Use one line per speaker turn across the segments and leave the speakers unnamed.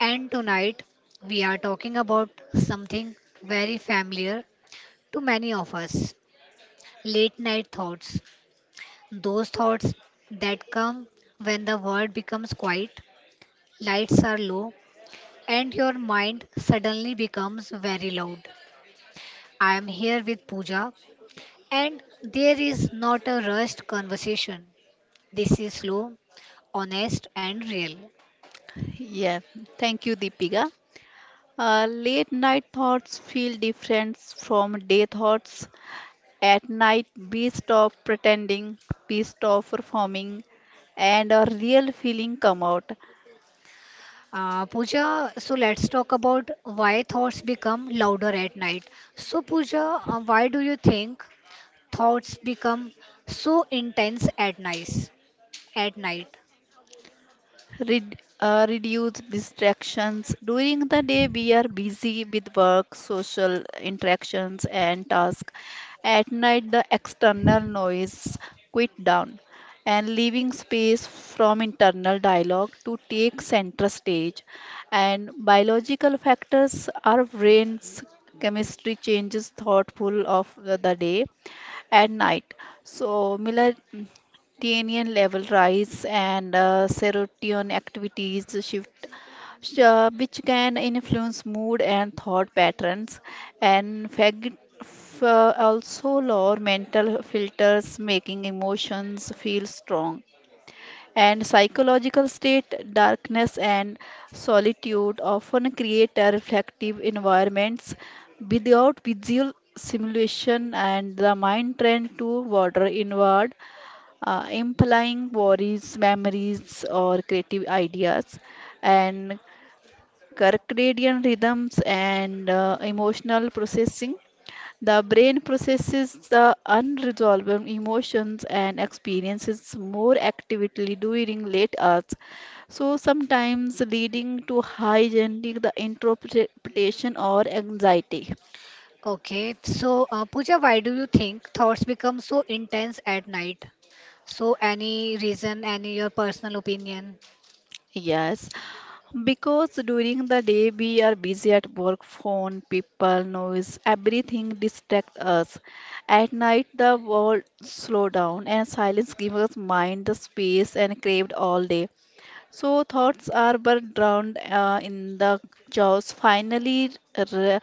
and tonight we are talking about something very familiar to many of us, late night thoughts. Those thoughts that come when the world becomes quiet, lights are low, and your mind suddenly becomes very loud. I am here with Pooja, and there is not a rushed conversation. This is slow, honest, and real.
Yeah, thank you, Deepika. Late night thoughts feel different from day thoughts. At night, we stop pretending, we stop performing, and a real feeling come out.
Pooja, so let's talk about why thoughts become louder at night. So, Pooja, why do you think thoughts become so intense at night? At night.
Reduce distractions. During the day, we are busy with work, social interactions, and tasks. At night, the external noise quit down and leaving space from internal dialogue to take center stage. And biological factors, our brain's chemistry changes thoughtful of the day at night. So melatonin level rise and serotonin activities shift which can influence mood and thought patterns and also lower mental filters making emotions feel strong and psychological state, darkness and solitude often create a reflective environments without visual simulation and the mind trend to wander inward, implying worries, memories or creative ideas and circadian rhythms and emotional processing the brain processes the unresolved emotions and experiences more actively during late hours, so sometimes leading to high generating the interpretation or anxiety.
Okay. So, Pooja, why do you think thoughts become so intense at night? So, any reason, any your personal opinion?
Yes, because during the day we are busy at work, phone, people, noise, everything distract us. At night the world slow down and silence gives us mind the space and craved all day. So thoughts are but drowned in the jaws, finally r-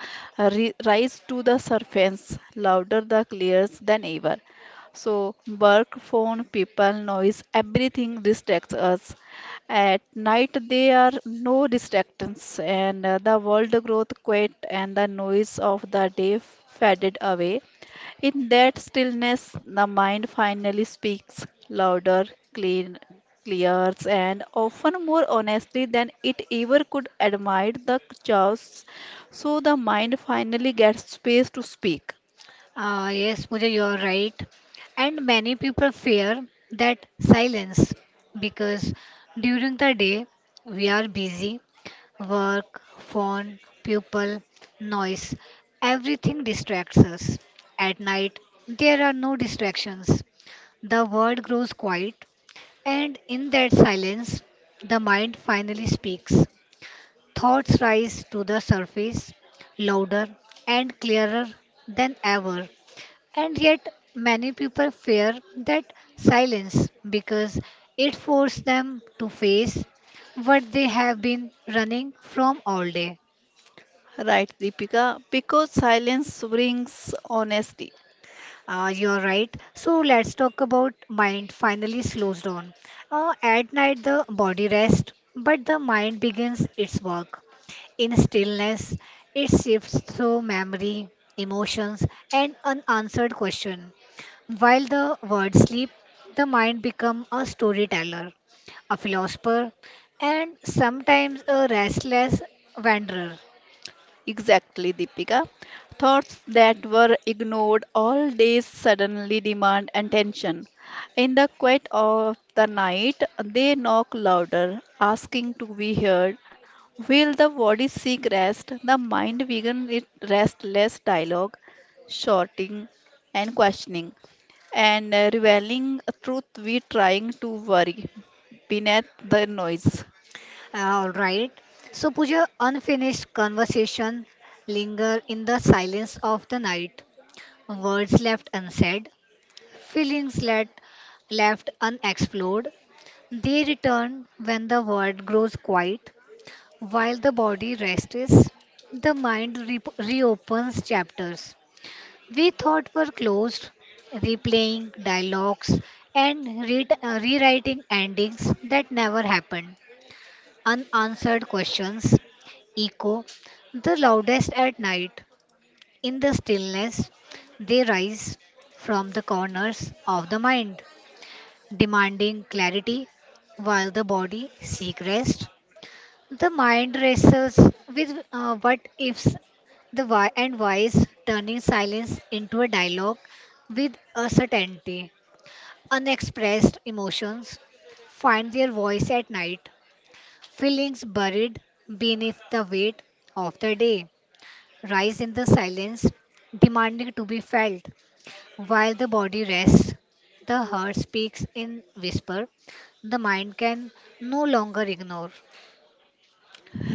rise to the surface, louder the clears than ever. So work, phone, people, noise, everything distracts us. At night there are no distractions, and the world growth quiet and the noise of the day faded away in that stillness, the mind finally speaks louder, clean, clears, and often more honestly than it ever could admit the chaos. So the mind finally gets space to speak.
Yes, Pooja, you are right. And many people fear that silence because during the day we are busy. Work, phone, people, noise, everything distracts us. At night, there are no distractions. The world grows quiet, and in that silence, the mind finally speaks. Thoughts rise to the surface, louder and clearer than ever. And yet, many people fear that silence because it forces them to face what they have been running from all day.
Right, Deepika? Because silence brings honesty.
You're right. So let's talk about mind finally slows down. At night, the body rests, but the mind begins its work. In stillness, it shifts through memory, emotions, and unanswered questions. While the words sleep, the mind becomes a storyteller, a philosopher, and sometimes a restless wanderer.
Exactly, Deepika. Thoughts that were ignored all day suddenly demand attention. In the quiet of the night, they knock louder, asking to be heard. Will the body seek rest? The mind begins its restless dialogue, shouting and questioning, and revealing a truth we trying to worry beneath the noise.
All right. So, Pooja, unfinished conversation linger in the silence of the night. Words left unsaid, feelings let, left unexplored. They return when the world grows quiet. While the body rests, the mind reopens chapters we thought were closed, replaying dialogues and rewriting endings that never happened. Unanswered questions echo the loudest at night. In the stillness, they rise from the corners of the mind, demanding clarity while the body seeks rest. The mind wrestles with what ifs, the why and whys, turning silence into a dialogue with a certainty. Unexpressed emotions find their voice at night. Feelings buried beneath the weight of the day rise in the silence, demanding to be felt. While the body rests, the heart speaks in whisper. The mind can no longer ignore.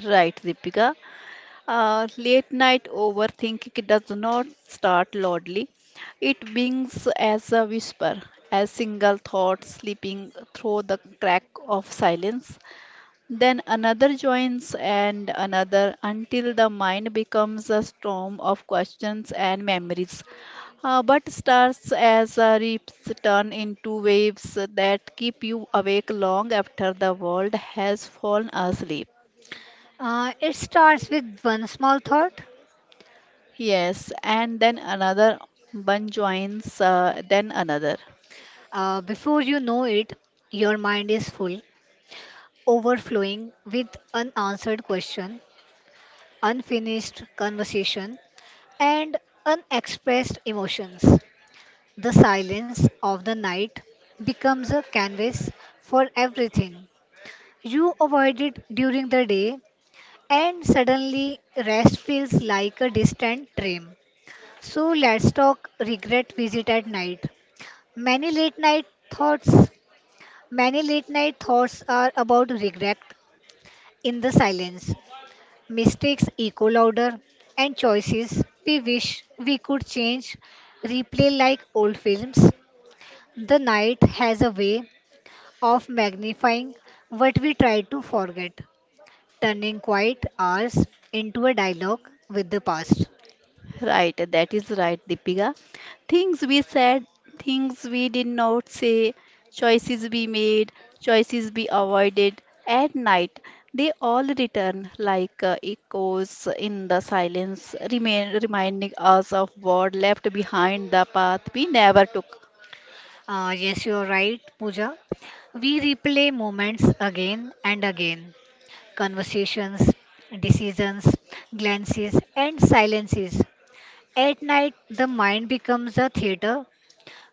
Right, Deepika. Late night overthinking does not start loudly. It begins as a whisper, a single thought slipping through the crack of silence. Then another joins and another until the mind becomes a storm of questions and memories. But starts as a rips turn into waves that keep you awake long after the world has fallen asleep.
It starts with one small thought.
Yes, and then another one joins, then another.
Before you know it, your mind is full, overflowing with unanswered question, unfinished conversation, and unexpressed emotions. The silence of the night becomes a canvas for everything you avoided during the day, and suddenly rest feels like a distant dream. So let's talk regret visit at night. Many late night thoughts, many late night thoughts are about regret in the silence. Mistakes echo louder, and choices we wish we could change replay like old films. The night has a way of magnifying what we try to forget, turning quiet hours into a dialogue with the past.
Right, that is right, Deepika. Things we said, things we did not say, choices we made, choices we avoided at night. They all return like echoes in the silence, remain, reminding us of what left behind the path we never took.
Yes, you are right, Pooja. We replay moments again and again, conversations, decisions, glances, and silences. At night, the mind becomes a theater,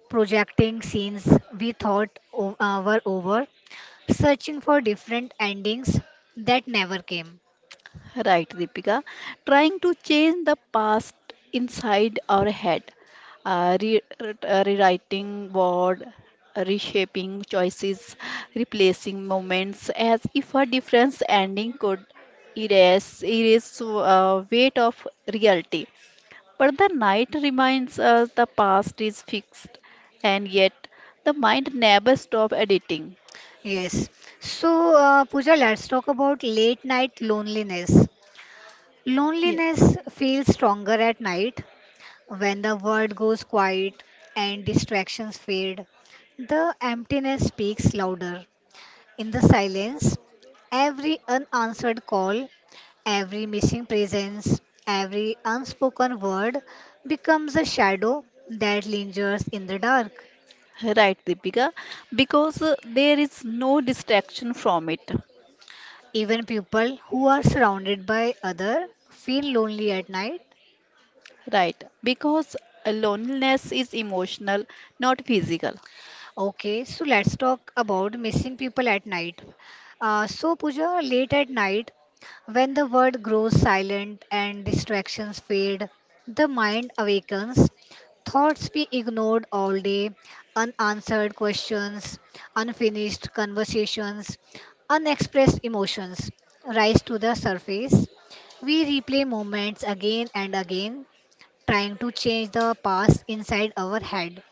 projecting scenes we thought were over, searching for different endings that never came.
Right, Deepika. Trying to change the past inside our head, rewriting word, reshaping choices, replacing moments as if a different ending could erase weight of reality. But the night reminds us the past is fixed, and yet the mind never stops editing.
Yes. So, Pooja, let's talk about late night loneliness. Loneliness feels stronger at night when the world goes quiet and distractions fade. The emptiness speaks louder. In the silence, every unanswered call, every missing presence, every unspoken word becomes a shadow that lingers in the dark.
Right, Deepika, because there is no distraction from it.
Even people who are surrounded by other feel lonely at night.
Right, because loneliness is emotional, not physical.
Okay, so let's talk about missing people at night. So Pooja, late at night, when the world grows silent and distractions fade, the mind awakens. Thoughts we ignored all day, unanswered questions, unfinished conversations, unexpressed emotions rise to the surface. We replay moments again and again, trying to change the past inside our head,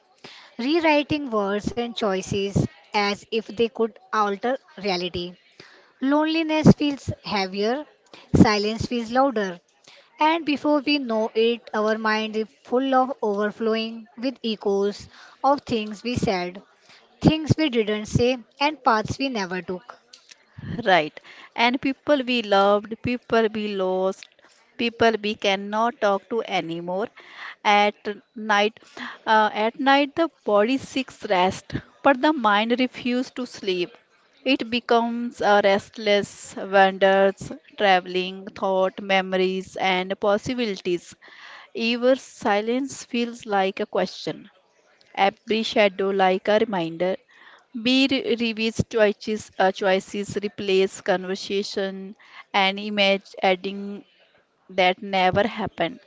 rewriting words and choices as if they could alter reality. Loneliness feels heavier, silence feels louder, and before we know it, our mind is full of overflowing with echoes of things we said, things we didn't say, and paths we never took.
Right. And people we loved, people we lost, people we cannot talk to anymore. At night, at night, the body seeks rest, but the mind refuses to sleep. It becomes a restless, wanders, traveling, thought, memories, and possibilities. Even silence feels like a question. Every shadow like a reminder. Be revise choices, choices, replace conversation and image, adding that never happened.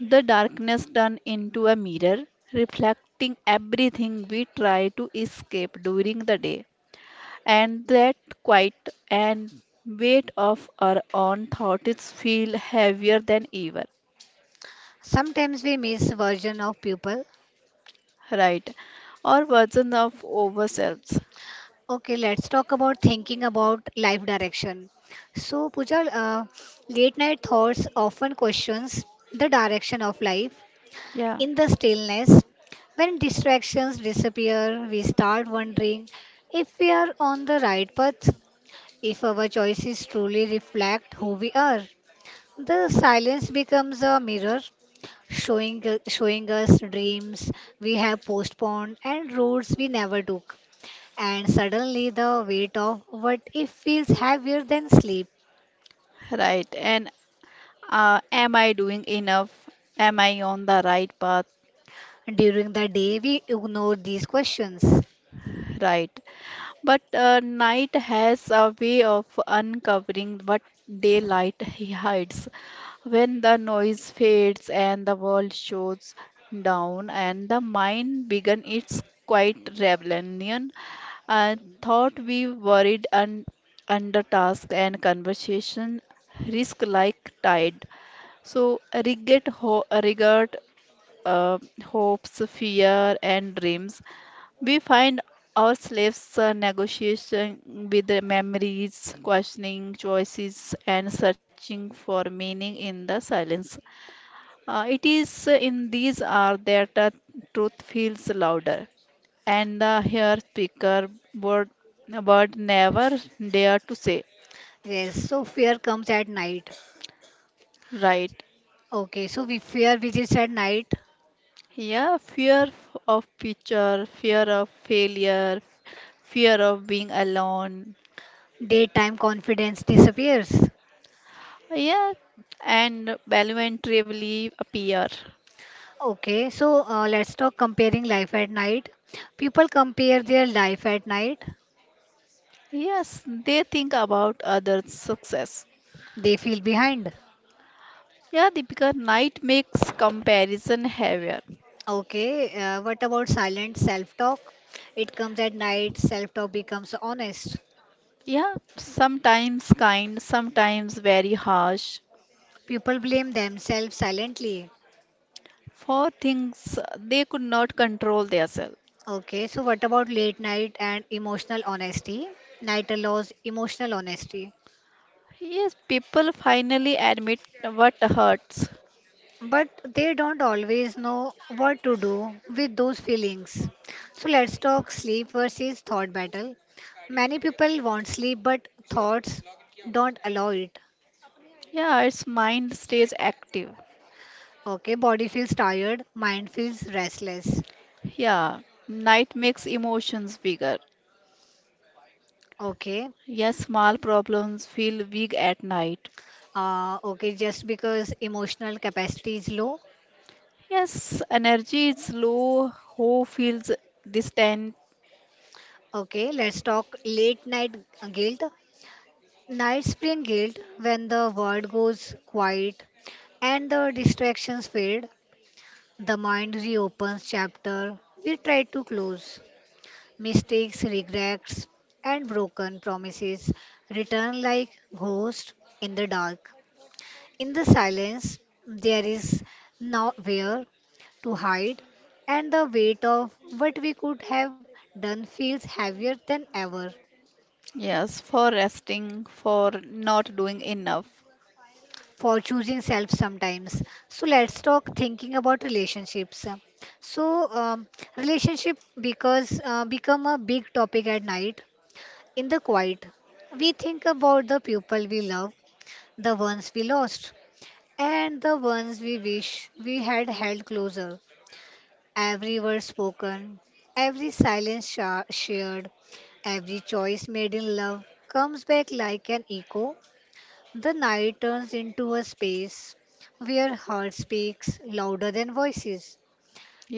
The darkness turned into a mirror, reflecting everything we try to escape during the day. And that quiet and weight of our own thoughts feel heavier than ever.
Sometimes we miss version of people.
Right. Or version of ourselves.
Okay, let's talk about thinking about life direction. So, Pooja, late night thoughts often questions the direction of life
Yeah.
in the stillness. When distractions disappear, we start wondering if we are on the right path, if our choices truly reflect who we are. The silence becomes a mirror, showing showing us dreams we have postponed and roads we never took, and suddenly the weight of what if feels heavier than sleep.
Right. And am I doing enough? Am I on the right path?
During the day, we ignore these questions.
Right. But night has a way of uncovering what daylight he hides. When the noise fades and the world shows down, and the mind begin its quiet rebellion, I thought we worried and under task and conversation risk like tide. So regret, regret uh, hopes, fear, and dreams. We find ourselves negotiating with the memories, questioning choices, and searching for meaning in the silence. It is in these hours that truth feels louder, and the here speaker word, word never dare to say.
Yes, so fear comes at night.
Right.
Okay, so we fear visits at night,
Yeah, of future, fear of failure, fear of being alone.
daytime confidence disappears.
Yeah, and voluntarily appear.
Okay, so let's talk comparing life at night. People compare their life at night,
Yes, they think about others' success.
they feel behind.
Yeah, Deepika, night makes comparison heavier.
Okay, what about silent self talk? It comes at night, self talk becomes honest.
Yeah, sometimes kind, sometimes very harsh
People blame themselves silently.
for things they could not control themselves.
Okay, so what about late night and emotional honesty? Night allows emotional honesty,
Yes, people finally admit what hurts.
but they don't always know what to do with those feelings. So let's talk sleep versus thought battle. Many people want sleep, but thoughts don't allow it.
Yeah, its mind stays active.
Okay, body feels tired, mind feels restless.
Yeah, night makes emotions bigger.
Okay,
Yes, small problems feel big at night.
okay, just because emotional capacity is low.
Yes, energy is low, who feels distant?
Okay, let's talk late night guilt. Nights bring guilt when the world goes quiet and the distractions fade. The mind reopens chapter we try to close. Mistakes, regrets, and broken promises return like ghosts in the dark. In the silence, there is nowhere to hide, and the weight of what we could have done feels heavier than ever.
Yes, for resting, for not doing enough.
For choosing self sometimes. So let's talk thinking about relationships. So um, relationship because become a big topic at night. In the quiet we think about the people we love, the ones we lost, and the ones we wish we had held closer. Every word spoken, every silence shared, every choice made in love comes back like an echo. The night turns into a space where heart speaks louder than voices,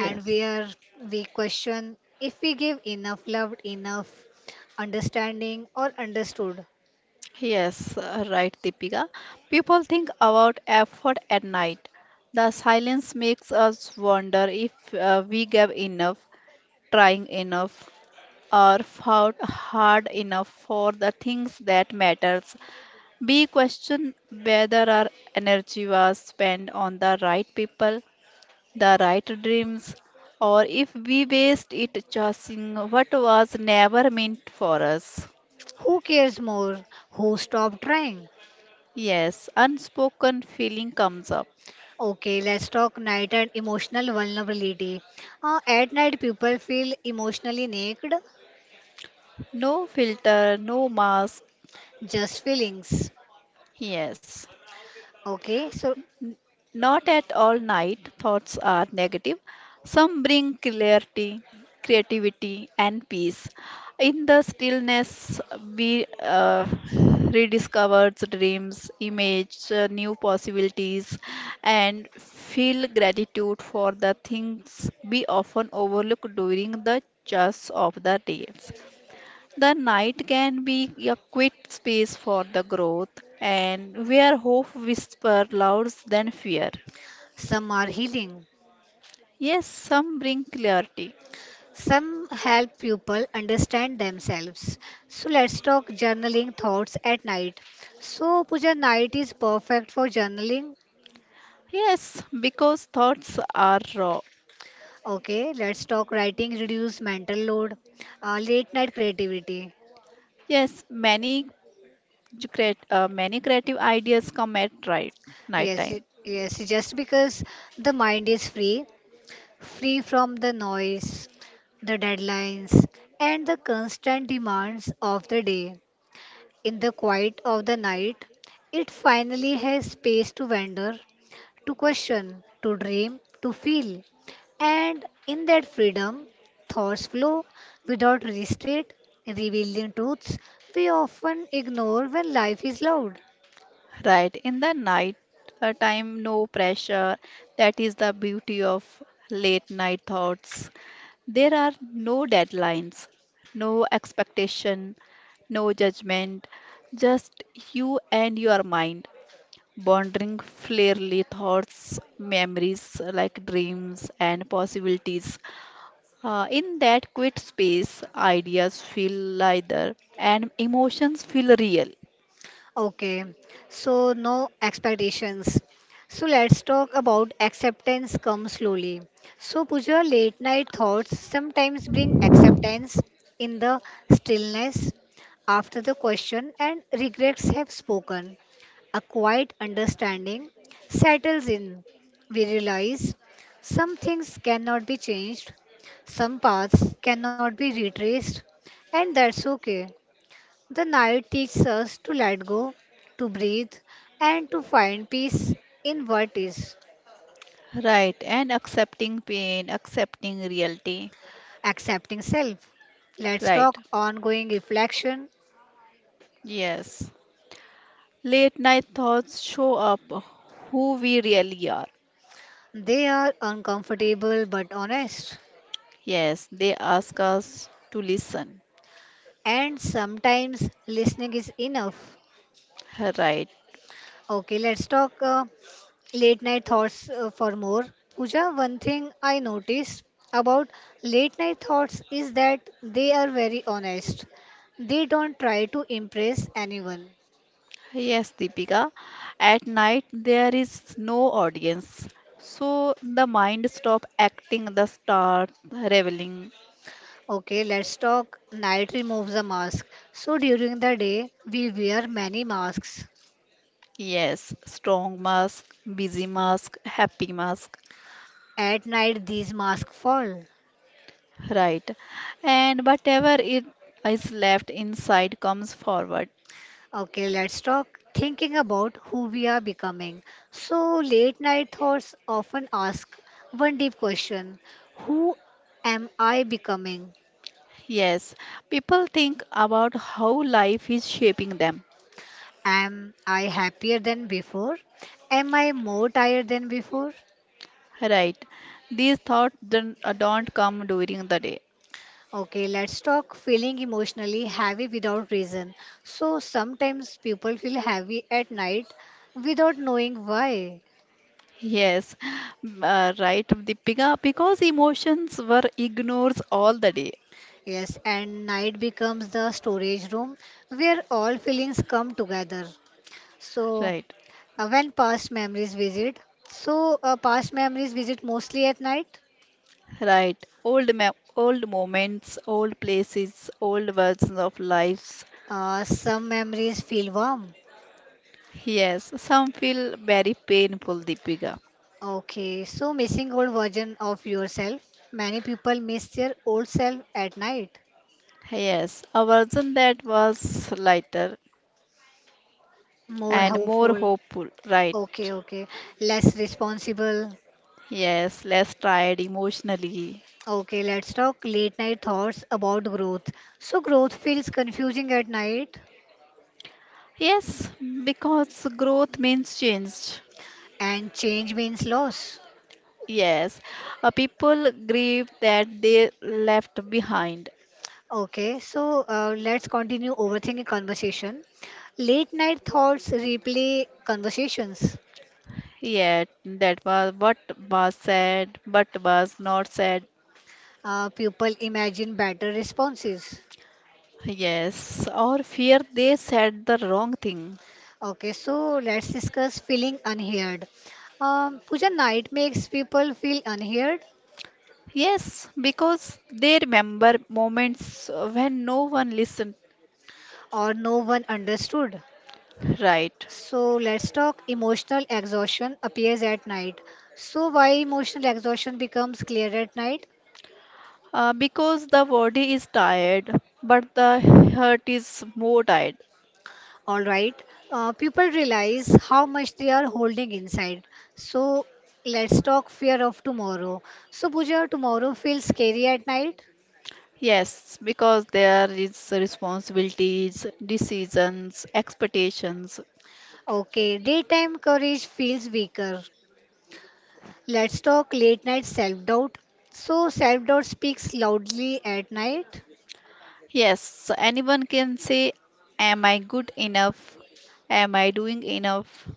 and where we question if we give enough love, enough understanding, or understood.
Yes, right, Deepika. People think about effort at night. The silence makes us wonder if we gave enough, trying enough, or fought hard enough for the things that matters. We question whether our energy was spent on the right people the right dreams, or if we waste it chasing what was never meant for us.
Who cares more? Who stopped trying?
Yes, unspoken feeling comes up.
Okay, let's talk night and emotional vulnerability. At night, people feel emotionally naked,
No filter, no mask.
just feelings.
Yes.
Okay, so
Not at all night thoughts are negative. Some bring clarity, creativity, and peace. In the stillness, we rediscover dreams, image new possibilities, and feel gratitude for the things we often overlook during the chase of the days. The night can be a quiet space for the growth, and where hope whispers louder than fear.
some are healing,
Yes, some bring clarity.
some help people understand themselves. So let's talk journaling thoughts at night. So Puja, night is perfect for journaling.
Yes, because thoughts are raw.
Okay, let's talk writing reduce mental load. Late night creativity.
Yes, many many creative ideas come at right night
Yes,
time.
yes, just because the mind is free, free from the noise, the deadlines, and the constant demands of the day. In the quiet of the night, it finally has space to wander, to question, to dream, to feel. And in that freedom, thoughts flow without restraint, revealing truths we often ignore when life is loud.
Right in the night time, no pressure. That is the beauty of late night thoughts. There are no deadlines, no expectation, no judgment, just you and your mind. Pondering clearly thoughts, memories like dreams and possibilities. In that quiet space, ideas feel lighter and emotions feel real.
Okay, so no expectations. So let's talk about acceptance come slowly. So Pooja, late night thoughts sometimes bring acceptance in the stillness after the question and regrets have spoken. A quiet understanding settles in. We realize some things cannot be changed, some paths cannot be retraced, and that's okay. The night teaches us to let go, to breathe, and to find peace in what is.
Right, and accepting pain, accepting reality.
Accepting self. Let's
Right,
talk ongoing reflection.
yes. Late night thoughts show up who we really are.
They are uncomfortable but honest.
Yes, they ask us to listen.
And sometimes listening is enough.
Right.
Okay, let's talk late night thoughts for more. Pooja, one thing I noticed about late night thoughts is that they are very honest. They don't try to impress anyone.
Yes, Deepika. At night there is no audience. So the mind stop acting the start reveling.
Okay, let's talk night removes the mask. So during the day, we wear many masks.
Yes, strong mask, busy mask, happy mask.
At night, these masks fall.
Right. And whatever it is left inside comes forward.
Okay, let's talk thinking about who we are becoming. So late night thoughts often ask one deep question. Who am I becoming?
Yes, people think about how life is shaping them.
Am I happier than before? Am I more tired than before?
Right. These thoughts don't come during the day.
Okay, let's talk feeling emotionally heavy without reason. So sometimes people feel heavy at night without knowing why.
Yes, right. The because emotions were ignored all the day.
Yes, and night becomes the storage room where all feelings come together. So
Right,
when past memories visit, so past memories visit mostly at night.
right. Old ma- Old moments, old places, old versions of lives.
Some memories feel warm.
Yes, some feel very painful, Deepika.
Okay, so missing old version of yourself. Many people miss their old self at night.
Yes, a version that was lighter
More
and more
hopeful.
hopeful. Right.
Okay, okay. Less responsible.
Yes, less tired emotionally.
Okay, let's talk late night thoughts about growth. So, growth feels confusing at night,
Yes, because growth means change.
and change means loss.
Yes, people grieve that they left behind.
Okay, so let's continue overthinking conversation. Late night thoughts replay conversations.
Yet that was what was said, but was not said.
People imagine better responses.
Yes, or fear they said the wrong thing.
Okay, so let's discuss feeling unheard. Pooja, night makes people feel unheard
Yes, because they remember moments when no one listened
or no one understood.
right.
So let's talk emotional exhaustion appears at night. So why emotional exhaustion becomes clear at night?
Because the body is tired, but the heart is more tired.
All right, people realize how much they are holding inside. So let's talk fear of tomorrow. So Pooja, tomorrow feels scary at night.
Yes, because there is responsibilities, decisions, expectations.
Okay, daytime courage feels weaker. Let's talk late night self doubt. So self doubt speaks loudly at night.
Yes, so anyone can say, am I good enough? Am I doing enough?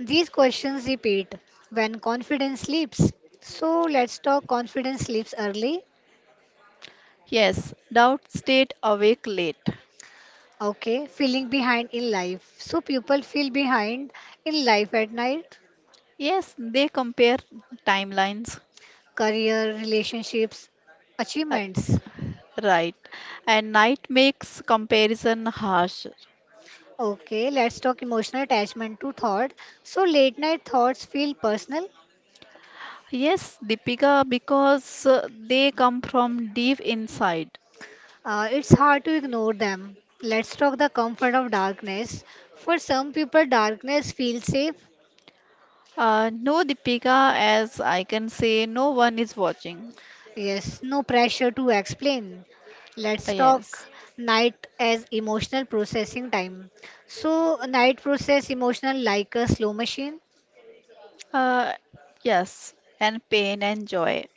These questions repeat when confidence slips. So let's talk confidence slips early.
Yes, doubt stayed awake late.
Okay, feeling behind in life. So people feel behind in life at night,
Yes, they compare timelines.
career, relationships,
Uh,
achievements.
right. And night makes comparison harsh.
Okay, let's talk emotional attachment to thought. So late night thoughts feel personal.
Yes, Deepika, because they come from deep inside.
It's hard to ignore them. Let's talk the comfort of darkness. For some people, darkness feels safe.
No, Deepika, as I can say, no one is watching.
Yes, no pressure to explain. Let's talk
Yes.
night as emotional processing time. So, night process emotional like a slow machine.
Uh, yes, and pain and joy.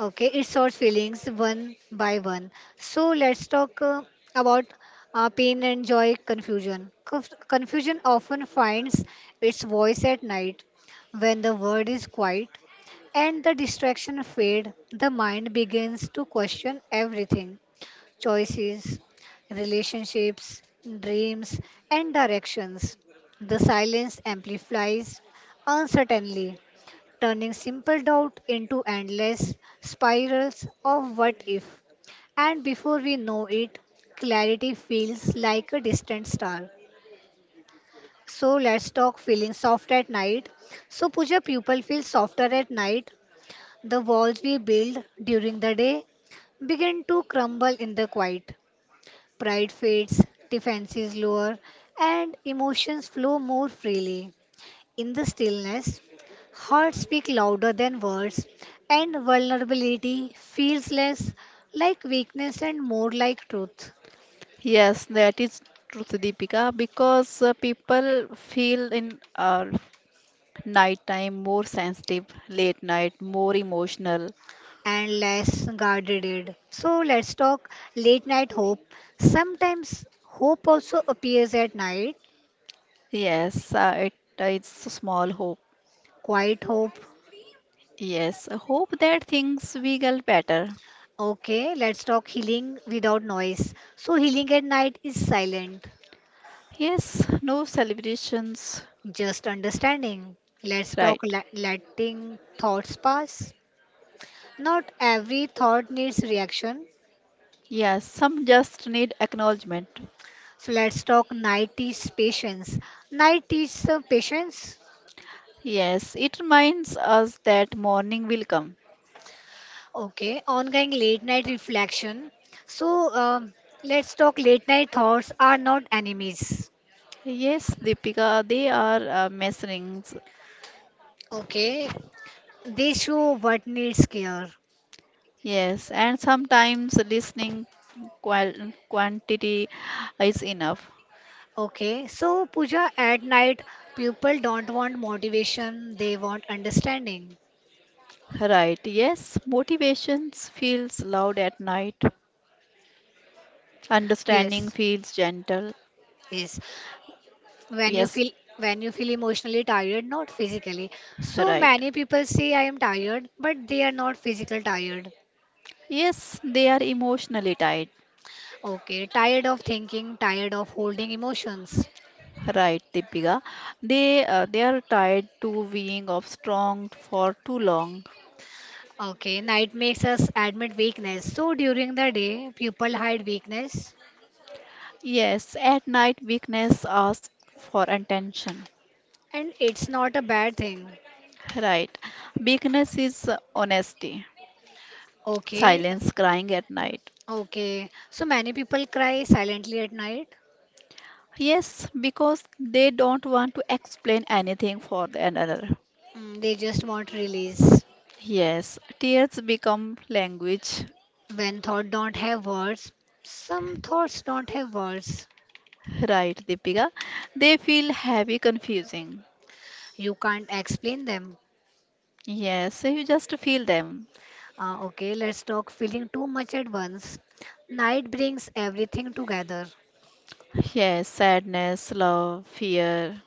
Okay, it sorts feelings one by one. So, let's talk about pain and joy confusion. Confusion often finds its voice at night when the world is quiet and the distraction fade the mind begins to question everything, choices, relationships, dreams, and directions. The silence amplifies uncertainly, turning simple doubt into endless spirals of what if. And before we know it, clarity feels like a distant star. So let's talk feeling soft at night. So, Puja, people feel softer at night. The walls we build during the day begin to crumble in the quiet. Pride fades, defenses lower, and emotions flow more freely. In the stillness, hearts speak louder than words, and vulnerability feels less like weakness and more like truth
Yes, that is truth, Deepika, because people feel in nighttime more sensitive, late night more emotional.
and less guarded. So let's talk late night hope. Sometimes hope also appears at night,
Yes, it's a small hope.
quiet hope.
Yes, a hope that things will get better.
Okay, let's talk healing without noise. So healing at night is silent.
Yes, no celebrations,
Just understanding. Let's talk
right?
letting thoughts pass. Not every thought needs reaction.
Yes, some just need acknowledgement.
So let's talk night is patience. Night is patience.
Yes, it reminds us that morning will come.
Okay, ongoing late night reflection. So let's talk late night thoughts are not enemies.
Yes, Deepika, they are messengers.
Okay, they show what needs care.
Yes, and sometimes listening quantity is enough.
Okay, so Puja, at night, people don't want motivation, they want understanding.
Right. Yes, motivations feels loud at night.
Yes,
Understanding feels gentle.
yes. When you
Yes,
feel when you feel emotionally tired, not physically. So
right.
many people say I am tired but they are not physical tired.
Yes, they are emotionally tied.
Okay, tired of thinking, tired of holding emotions.
Right, Deepika. They are tied to being of strong for too long.
Okay, night makes us admit weakness. So during the day people hide weakness,
Yes, at night weakness asks for attention.
and it's not a bad thing.
Right. Weakness is honesty.
Okay.
Silence crying at night.
Okay, so many people cry silently at night.
Yes, because they don't want to explain anything for the another.
Mm, they just want release
Yes, tears become language.
when thought don't have words. Some thoughts don't have words.
Right, Deepika. They feel heavy, confusing.
You can't explain them.
Yes, you just feel them.
Okay, let's talk feeling too much at once. Night brings everything together.
Yes, sadness, love, fear.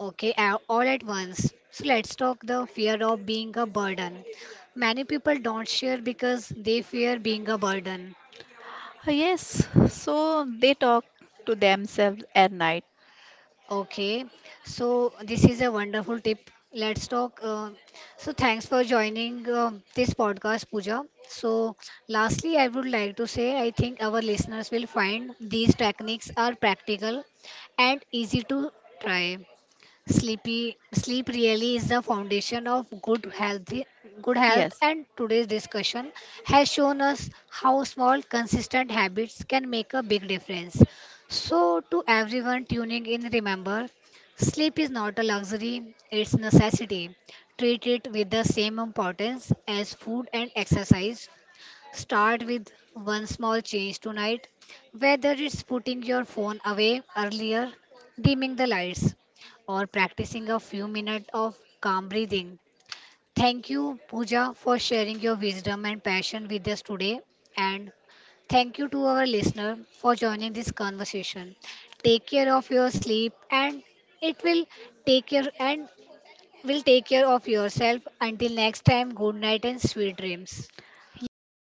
Okay, all at once. So let's talk the fear of being a burden. Many people don't share because they fear being a burden.
Yes, so they talk to themselves at night.
Okay, so this is a wonderful tip. Let's talk. So, thanks for joining this podcast, Pooja. So, lastly, I would like to say I think our listeners will find these techniques are practical and easy to try. Sleepy, sleep really is the foundation of good health,
Yes,
and today's discussion has shown us how small, consistent habits can make a big difference. So, to everyone tuning in, remember sleep is not a luxury, it's necessity. Treat it with the same importance as food and exercise. Start with one small change tonight, whether it's putting your phone away earlier, dimming the lights, or practicing a few minutes of calm breathing. Thank you, Pooja, for sharing your wisdom and passion with us today. And thank you to our listener for joining this conversation. Take care of your sleep, and it will take care and will take care of yourself. Until next time, good night and sweet dreams.
yes,